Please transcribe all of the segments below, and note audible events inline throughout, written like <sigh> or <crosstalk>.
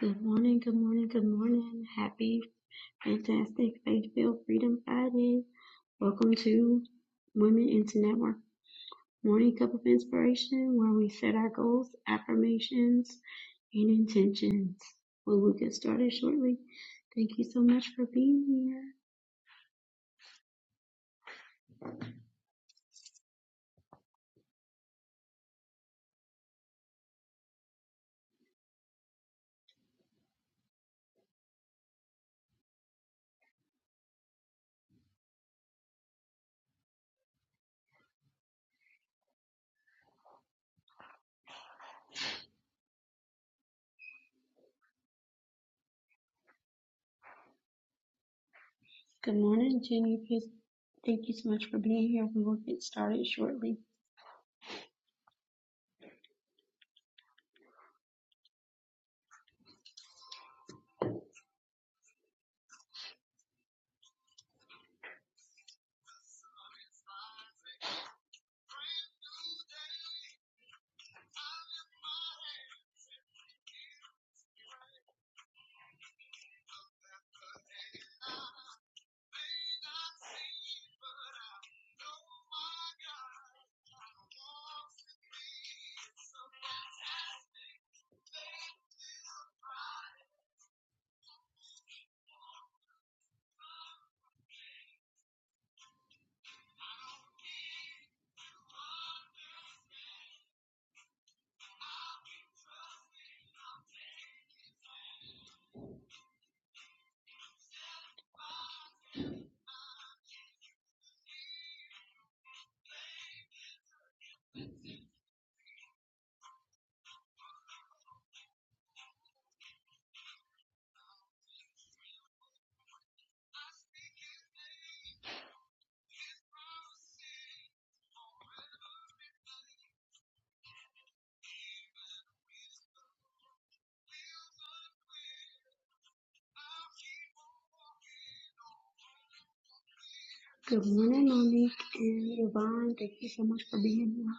Good morning, good morning, good morning. Happy, fantastic, faith-filled Freedom Friday. Welcome to Women into Network Morning Cup of Inspiration, where we set our goals, affirmations, and intentions. Well, we'll get started shortly. Thank you so much for being here. Good morning, Jenny. Please- Thank you so much for being here. We will get started shortly. Good morning, Monique and Yvonne. Thank you so much for being here.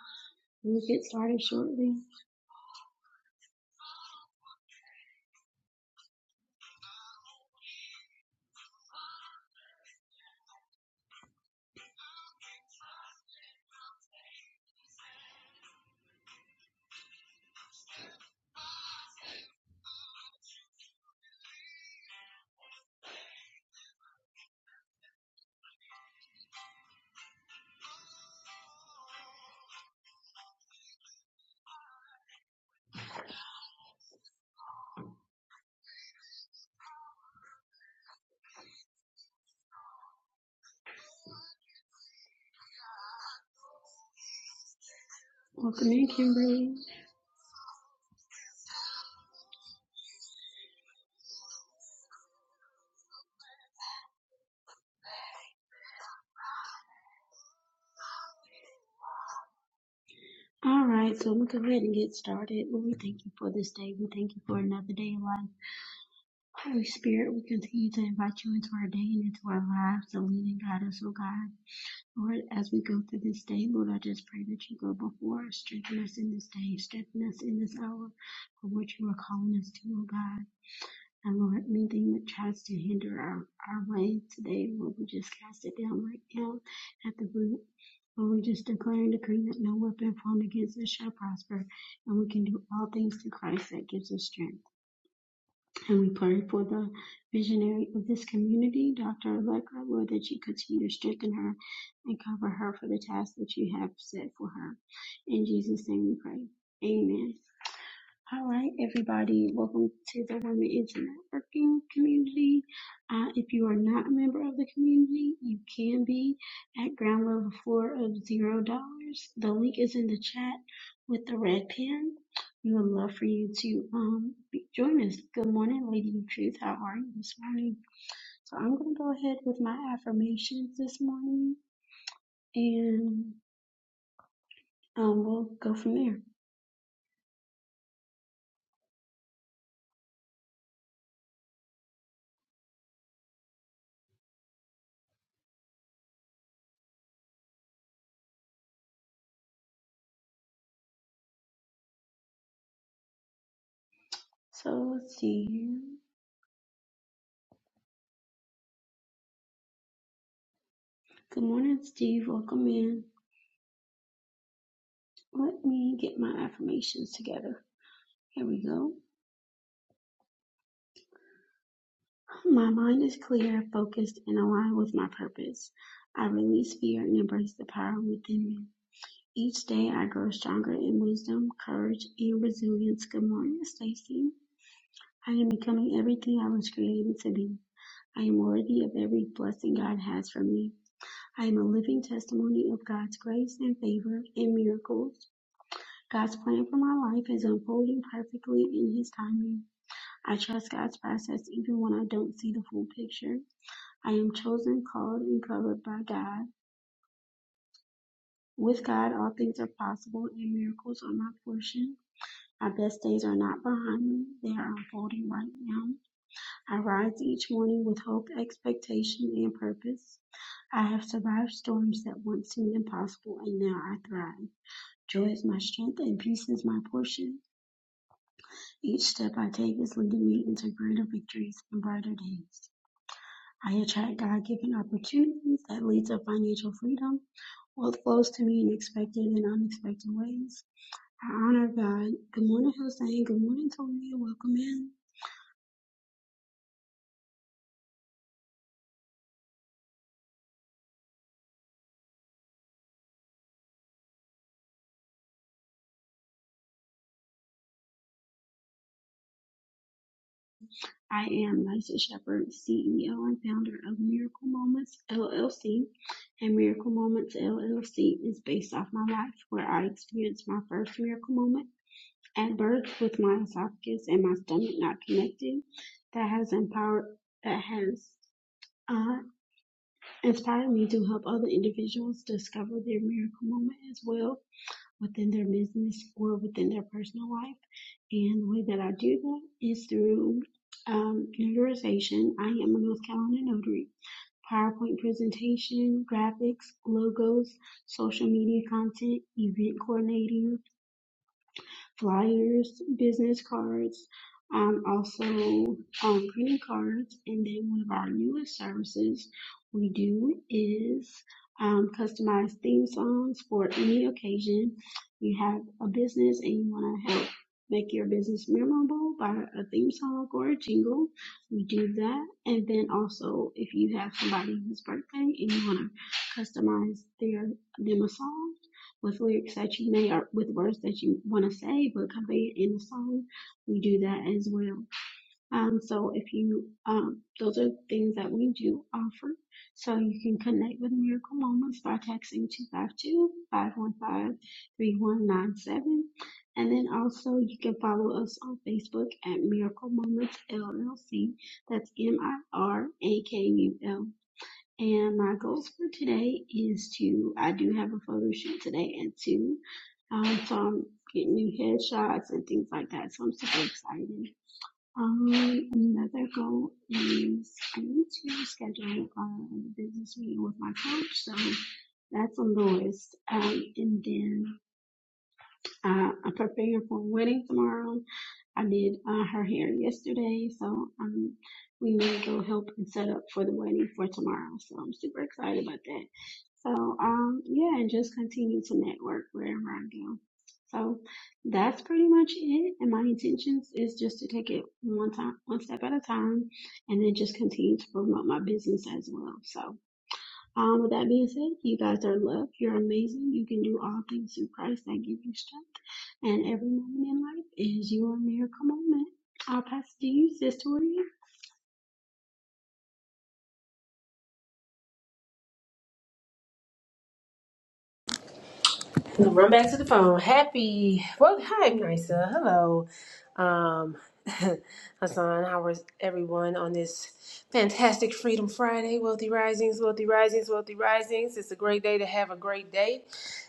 We'll get started shortly. Welcome in, Kimberly. All right, so we go ahead and get started. Lord, we thank you for this day. We thank you for another day of life. Holy Spirit, we continue to invite you into our day and into our lives to lead and guide us, oh God. Lord, as we go through this day, Lord, I just pray that you go before us, strengthen us in this day, strengthen us in this hour for what you are calling us to, oh God. And Lord, anything that tries to hinder our, our way today, Lord, we just cast it down right now at the root. Lord, we just declare and decree that no weapon formed against us shall prosper, and we can do all things through Christ that gives us strength. And we pray for the visionary of this community, Dr. Allegra, Lord, that you continue to strengthen her and cover her for the task that you have set for her. In Jesus' name we pray. Amen. All right, everybody, welcome to the Women into Networking community. Uh, if you are not a member of the community, you can be at ground level floor of zero dollars. The link is in the chat with the red pen. We would love for you to um, be, join us. Good morning, Lady of Truth. How are you this morning? So I'm going to go ahead with my affirmations this morning, and um, we'll go from there. So let's see. Good morning, Steve. Welcome in. Let me get my affirmations together. Here we go. My mind is clear, focused, and aligned with my purpose. I release fear and embrace the power within me. Each day I grow stronger in wisdom, courage, and resilience. Good morning, Stacy. I am becoming everything I was created to be. I am worthy of every blessing God has for me. I am a living testimony of God's grace and favor and miracles. God's plan for my life is unfolding perfectly in His timing. I trust God's process even when I don't see the full picture. I am chosen, called, and covered by God. With God, all things are possible, and miracles are my portion. My best days are not behind me, they are unfolding right now. I rise each morning with hope, expectation, and purpose. I have survived storms that once seemed impossible, and now I thrive. Joy is my strength, and peace is my portion. Each step I take is leading me into greater victories and brighter days. I attract God given opportunities that lead to financial freedom. Wealth flows to me in expected and unexpected ways. I honor God. Good morning, Hussein. Good morning, Toria. Welcome in. I am Nysa Shepherd, CEO and founder of Miracle Moments LLC. And Miracle Moments LLC is based off my life where I experienced my first miracle moment at birth with my esophagus and my stomach not connected. That has empowered, that has uh, inspired me to help other individuals discover their miracle moment as well within their business or within their personal life. And the way that I do that is through um, notarization. I am a North Carolina notary. PowerPoint presentation, graphics, logos, social media content, event coordinating, flyers, business cards, um, also um, greeting cards. And then one of our newest services we do is um, customized theme songs for any occasion. You have a business and you want to help make your business memorable by a theme song or a jingle. We do that. And then also, if you have somebody whose birthday and you want to customize their them a song, with lyrics that you may or with words that you want to say but convey it in the song we do that as well um, so if you um, those are things that we do offer so you can connect with miracle moments by texting two five two five one five three one nine seven, and then also you can follow us on facebook at miracle moments llc that's m-i-r-a-k-u-l and my goals for today is to, I do have a photo shoot today at 2. Um, so I'm getting new headshots and things like that. So I'm super excited. Um, another goal is I need to schedule uh, a business meeting with my coach. So that's on the list. Um, and then uh, I'm preparing for a wedding tomorrow. I did uh, her hair yesterday, so um, we may go help and set up for the wedding for tomorrow. So I'm super excited about that. So um, yeah, and just continue to network wherever I go. So that's pretty much it. And my intentions is just to take it one time, one step at a time, and then just continue to promote my business as well. So um, with that being said, you guys are loved. You're amazing. You can do all things through Christ that give you strength. And every moment in life is your miracle moment. I'll pass it to you, Sister Maria. Run back to the phone. Happy. Well, hi, Nisa. Hello. Um, <laughs> Hassan, how is everyone on this fantastic Freedom Friday? Wealthy Risings, Wealthy Risings, Wealthy Risings. It's a great day to have a great day.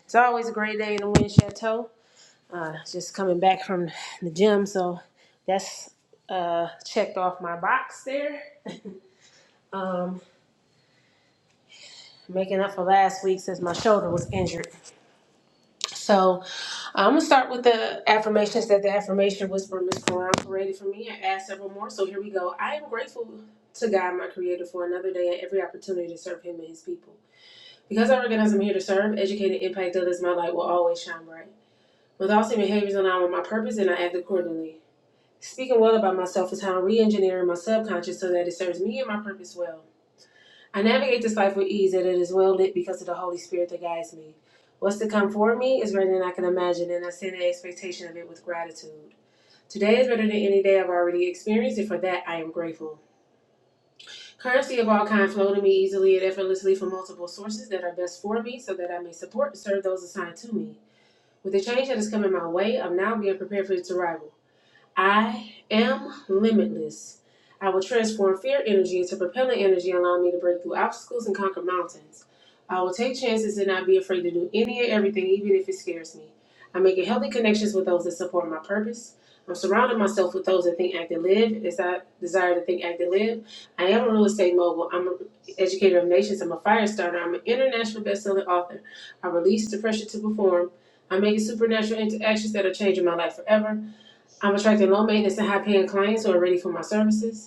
It's always a great day in the Wind Chateau. Uh, just coming back from the gym, so that's uh, checked off my box there. <laughs> Um, making up for last week since my shoulder was injured. So, I'm gonna start with the affirmations that the affirmation whisperer Miss Quran created for me and add several more. So here we go. I am grateful to God, my Creator, for another day and every opportunity to serve Him and His people. Because I recognize I'm here to serve, educate, and impact others, my light will always shine bright. With all and behaviors aligned with my purpose, and I act accordingly. Speaking well about myself is how I'm re-engineering my subconscious so that it serves me and my purpose well. I navigate this life with ease, and it is well lit because of the Holy Spirit that guides me. What's to come for me is greater than I can imagine, and I stand in expectation of it with gratitude. Today is better than any day I've already experienced, and for that I am grateful. Currency of all kinds flow to me easily and effortlessly from multiple sources that are best for me, so that I may support and serve those assigned to me. With the change that is coming my way, I'm now being prepared for its arrival. I am limitless. I will transform fear energy into propelling energy, allowing me to break through obstacles and conquer mountains. I will take chances and not be afraid to do any and everything, even if it scares me. I'm making healthy connections with those that support my purpose. I'm surrounding myself with those that think, act, and live as I desire to think, act, and live. I am a real estate mogul. I'm an educator of nations. I'm a fire starter. I'm an international best-selling author. I release the pressure to perform. I'm making supernatural interactions that are changing my life forever. I'm attracting low maintenance and high paying clients who are ready for my services.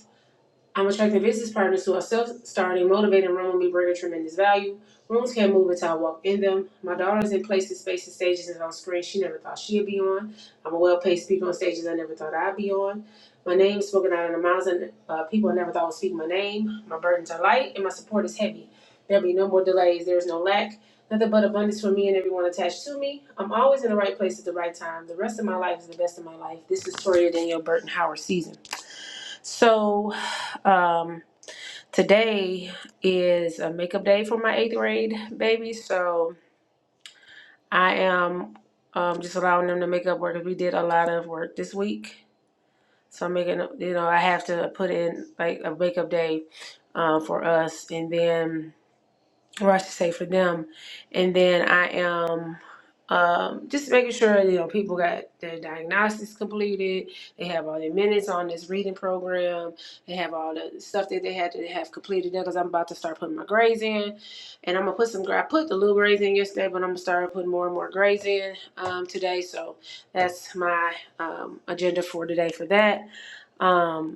I'm attracting business partners who are self-starting, motivated, and run with me, bringing tremendous value. Rooms can't move until I walk in them. My daughter is in places, spaces, stages, and on screens she never thought she'd be on. I'm a well-paid speaker on stages I never thought I'd be on. My name is spoken out in the mouths of uh, people I never thought would speak my name. My burdens are light, and my support is heavy. There'll be no more delays. There is no lack. Nothing but abundance for me and everyone attached to me. I'm always in the right place at the right time. The rest of my life is the best of my life. This is Toria Danielle Burton Howard season. So um, today is a makeup day for my eighth grade baby. So I am um, just allowing them to make up work 'cause we did a lot of work this week. So I'm making, you know, I have to put in like a makeup day uh, for us, and then or I should say for them. And then I am um, just making sure you know people got their diagnostics completed. They have all their minutes on this reading program. They have all the stuff that they had to have completed there because I'm about to start putting my grades in, and I'm gonna put some. gra- I put the little grades in yesterday, but I'm gonna start putting more and more grades in um, today. So that's my um, agenda for today for that. Um,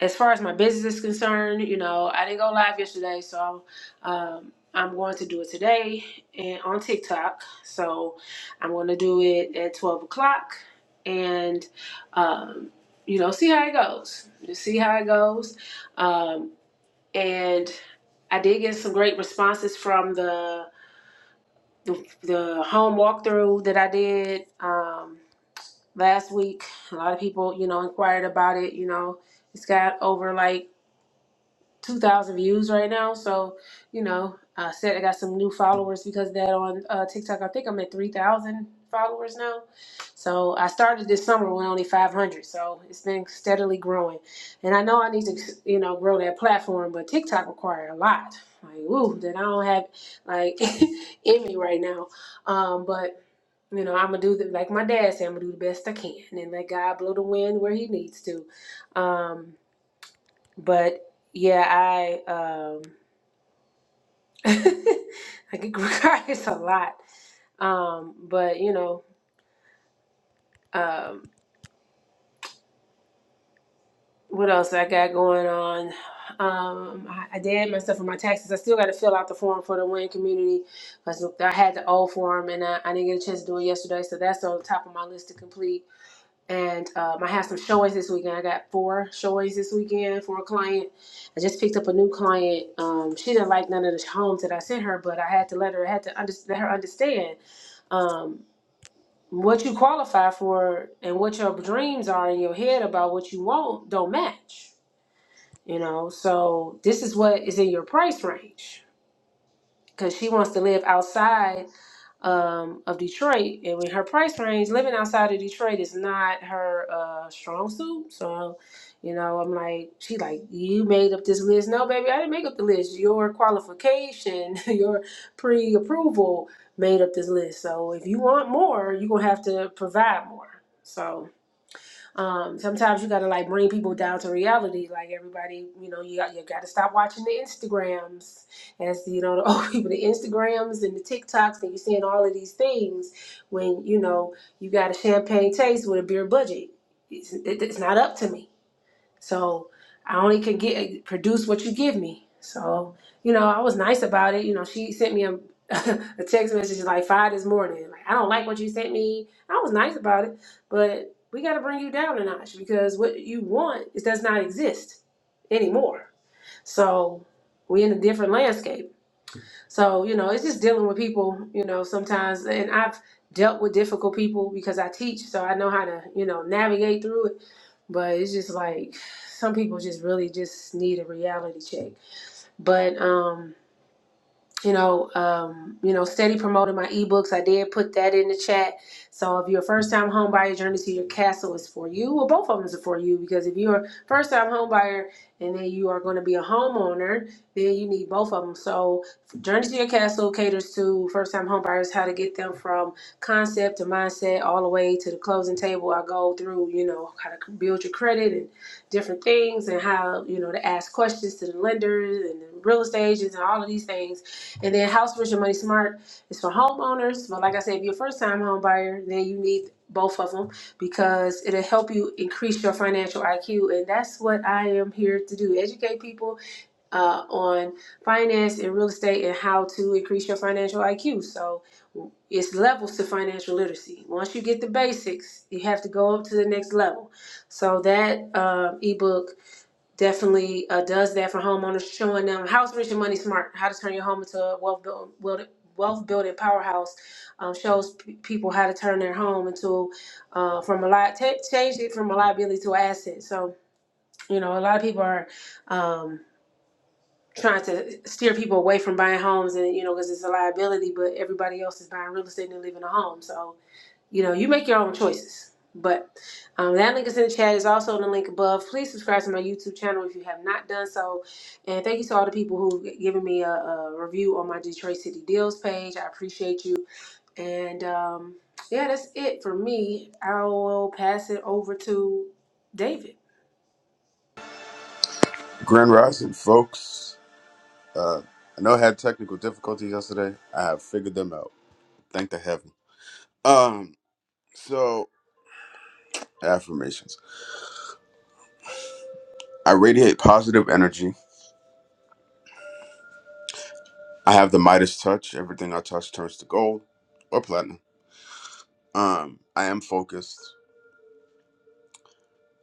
as far as my business is concerned, you know, I didn't go live yesterday, so um, I'm going to do it today and on TikTok. So I'm going to do it at 12 o'clock and, um, you know, see how it goes. Just see how it goes. Um, and I did get some great responses from the the, the home walkthrough that I did um, last week. A lot of people, you know, inquired about it. You know, it's got over like 2,000 views right now. So, you know, I said I got some new followers because of that on uh, TikTok. I think I'm at 3,000 followers now. So I started this summer with only 500. So it's been steadily growing. And I know I need to, you know, grow that platform, but TikTok require a lot. Like, woo, that I don't have like <laughs> in me right now. Um, but you know, I'm gonna do the, like my dad said. I'm gonna do the best I can, and let God blow the wind where He needs to. Um, but yeah, I um <laughs> I get cried a lot. Um, but you know, um, what else I got going on? Um, I, I did myself for my taxes. I still got to fill out the form for the Wayne community because I had the old form and I, I didn't get a chance to do it yesterday. So that's on the top of my list to complete. and um, I have some showings this weekend. I got four showings this weekend for a client. I just picked up a new client. Um, she didn't like none of the homes that I sent her, but I had to let her I had to under, let her understand um, what you qualify for and what your dreams are in your head about what you want don't match. You know, so this is what is in your price range because she wants to live outside um, of Detroit, and with her price range, living outside of Detroit is not her uh, strong suit. So, you know, I'm like, she like, you made up this list. No, baby, I didn't make up the list. Your qualification, <laughs> your pre-approval made up this list. So, if you want more, you're gonna have to provide more. So, um, sometimes you gotta like bring people down to reality. Like everybody, you know, you got you gotta stop watching the Instagrams. As you know, <laughs> the old people, the Instagrams and the TikToks, and you're seeing all of these things when you know you got a champagne taste with a beer budget. It's, it, it's not up to me. So I only could get produce what you give me. So you know, I was nice about it. You know, she sent me a, <laughs> a text message like five this morning. Like I don't like what you sent me. I was nice about it, but we got to bring you down a notch because what you want it does not exist anymore. So we in a different landscape. So you know, it's just dealing with people. You know, sometimes and I've dealt with difficult people because I teach, so I know how to you know navigate through it but it's just like some people just really just need a reality check. But um you know, um, you know, steady promoting my ebooks. I did put that in the chat. So if you're a first time home buyer, Journey to Your Castle is for you. Well, both of them is for you because if you're a first time home buyer and then you are going to be a homeowner, then you need both of them. So Journey to Your Castle caters to first time home buyers, how to get them from concept to mindset all the way to the closing table. I go through, you know, how to build your credit and different things and how, you know, to ask questions to the lenders and the real estate agents and all of these things and then House Rich and Money Smart is for homeowners. But like I said, if you're a first time home buyer, then you need both of them because it'll help you increase your financial IQ. And that's what I am here to do educate people uh, on finance and real estate and how to increase your financial IQ. So it's levels to financial literacy. Once you get the basics, you have to go up to the next level. So that um ebook definitely uh, does that for homeowners, showing them how how is Richard Money Smart, how to turn your home into a wealth building, wealth building powerhouse. Um, shows p- people how to turn their home into uh, from a li- ta change it from a liability to an asset. So you know, a lot of people are um, trying to steer people away from buying homes, and you know, because it's a liability, but everybody else is buying real estate and living a home. So you know, you make your own choices. But um, that link is in the chat. It's also in the link above. Please subscribe to my YouTube channel if you have not done so. And thank you to all the people who've given me a, a review on my Detroit City Deals page. I appreciate you. And um, yeah, that's it for me. I will pass it over to David. Grand Rising, folks. Uh, I know I had technical difficulties yesterday. I have figured them out. Thank the heaven. Um, so affirmations. I radiate positive energy. I have the Midas touch. Everything I touch turns to gold or platinum. Um, I am focused.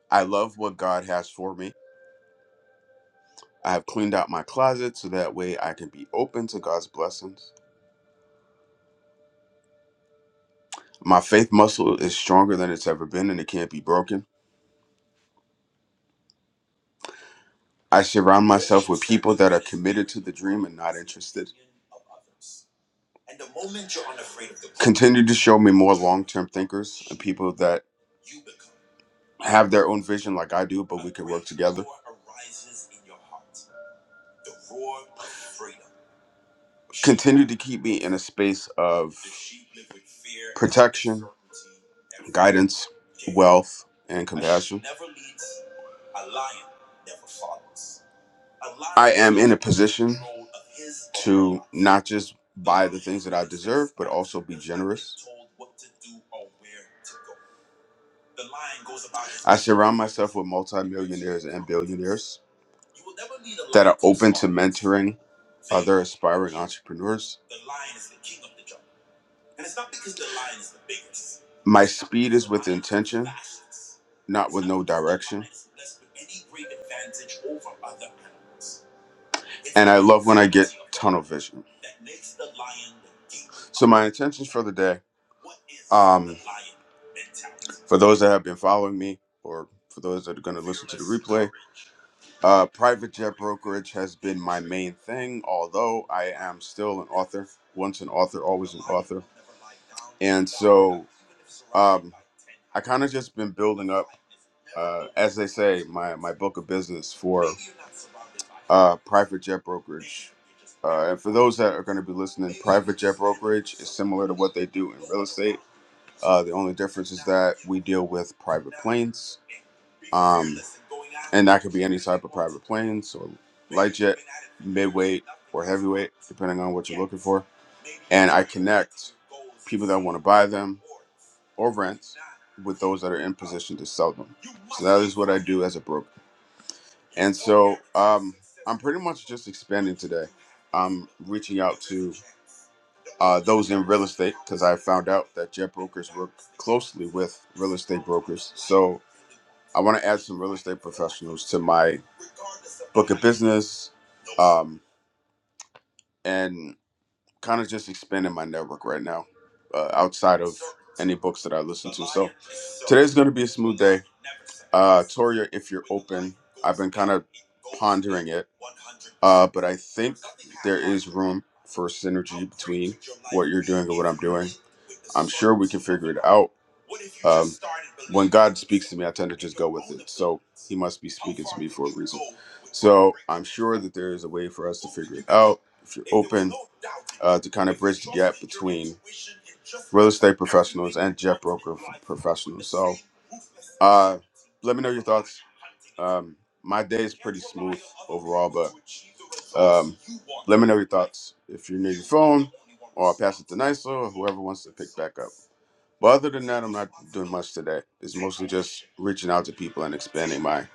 I love what God has for me. I have cleaned out my closet so that way I can be open to God's blessings. My faith muscle is stronger than it's ever been and it can't be broken. I surround myself with people that are committed to the dream and not interested. Continue to show me more long term thinkers and people that have their own vision like I do, but we can work together. Continue to keep me in a space of protection, guidance, wealth, and compassion. I am in a position to not just buy the things that I deserve, but also be generous. I surround myself with multimillionaires and billionaires that are open to mentoring other aspiring entrepreneurs. My speed is with intention, not with no direction. And I love when I get tunnel vision. So my intentions for the day, um, for those that have been following me, or for those that are going to listen to the replay, uh, private jet brokerage has been my main thing. Although I am still an author once an author, always an author. And so um, I kind of just been building up, uh, as they say, my, my book of business for uh, private jet brokerage. Uh, and for those that are going to be listening, private jet brokerage is similar to what they do in real estate. Uh, the only difference is that we deal with private planes. Um, and that could be any type of private planes or light jet, midweight, or heavyweight, depending on what you're looking for. And I connect people that want to buy them or rent with those that are in position to sell them. So that is what I do as a broker. And so um, I'm pretty much just expanding today. I'm reaching out to uh, those in real estate because I found out that jet brokers work closely with real estate brokers. So I want to add some real estate professionals to my book of business um, and kind of just expanding my network right now uh, outside of any books that I listen to. So today's going to be a smooth day. Uh, Toria, if you're open, I've been kind of pondering it, uh, but I think there is room for synergy between what you're doing and what I'm doing. I'm sure we can figure it out. Um, when God speaks to me, I tend to just go with it. So He must be speaking to me for a reason. So I'm sure that there is a way for us to figure it out. If you're open uh, to kind of bridge the gap between real estate professionals and jet broker f- professionals. So uh, let me know your thoughts. Um, my day is pretty smooth overall, but um, let me know your thoughts. If you're near your phone, or I'll pass it to Niso or whoever wants to pick back up. But other than that, I'm not doing much today. It's mostly just reaching out to people and expanding my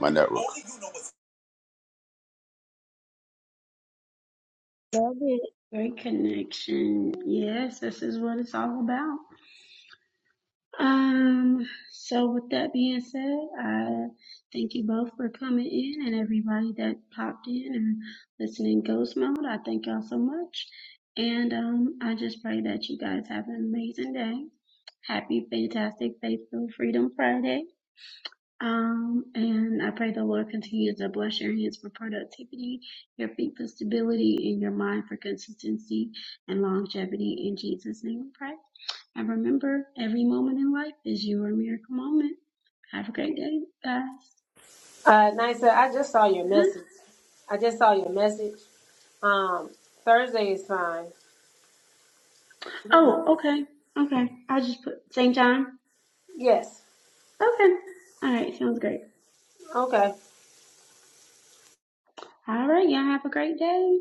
my network. Love it. Great connection. Yes, this is what it's all about. Um, so with that being said, I thank you both for coming in and everybody that popped in and listening ghost mode. I thank y'all so much. And um I just pray that you guys have an amazing day. Happy Fantastic Faithful Freedom Friday. Um, and I pray the Lord continues to bless your hands for productivity, your feet for stability, and your mind for consistency and longevity. In Jesus' name we pray. And remember, every moment in life is your miracle moment. Have a great day, guys. Uh, Nisa, I just saw your huh message. I just saw your message. Um, Thursday is fine. Oh, okay. Okay. I'll just put St. John. Yes. Okay. All right. Sounds great. Okay. All right. Y'all have a great day.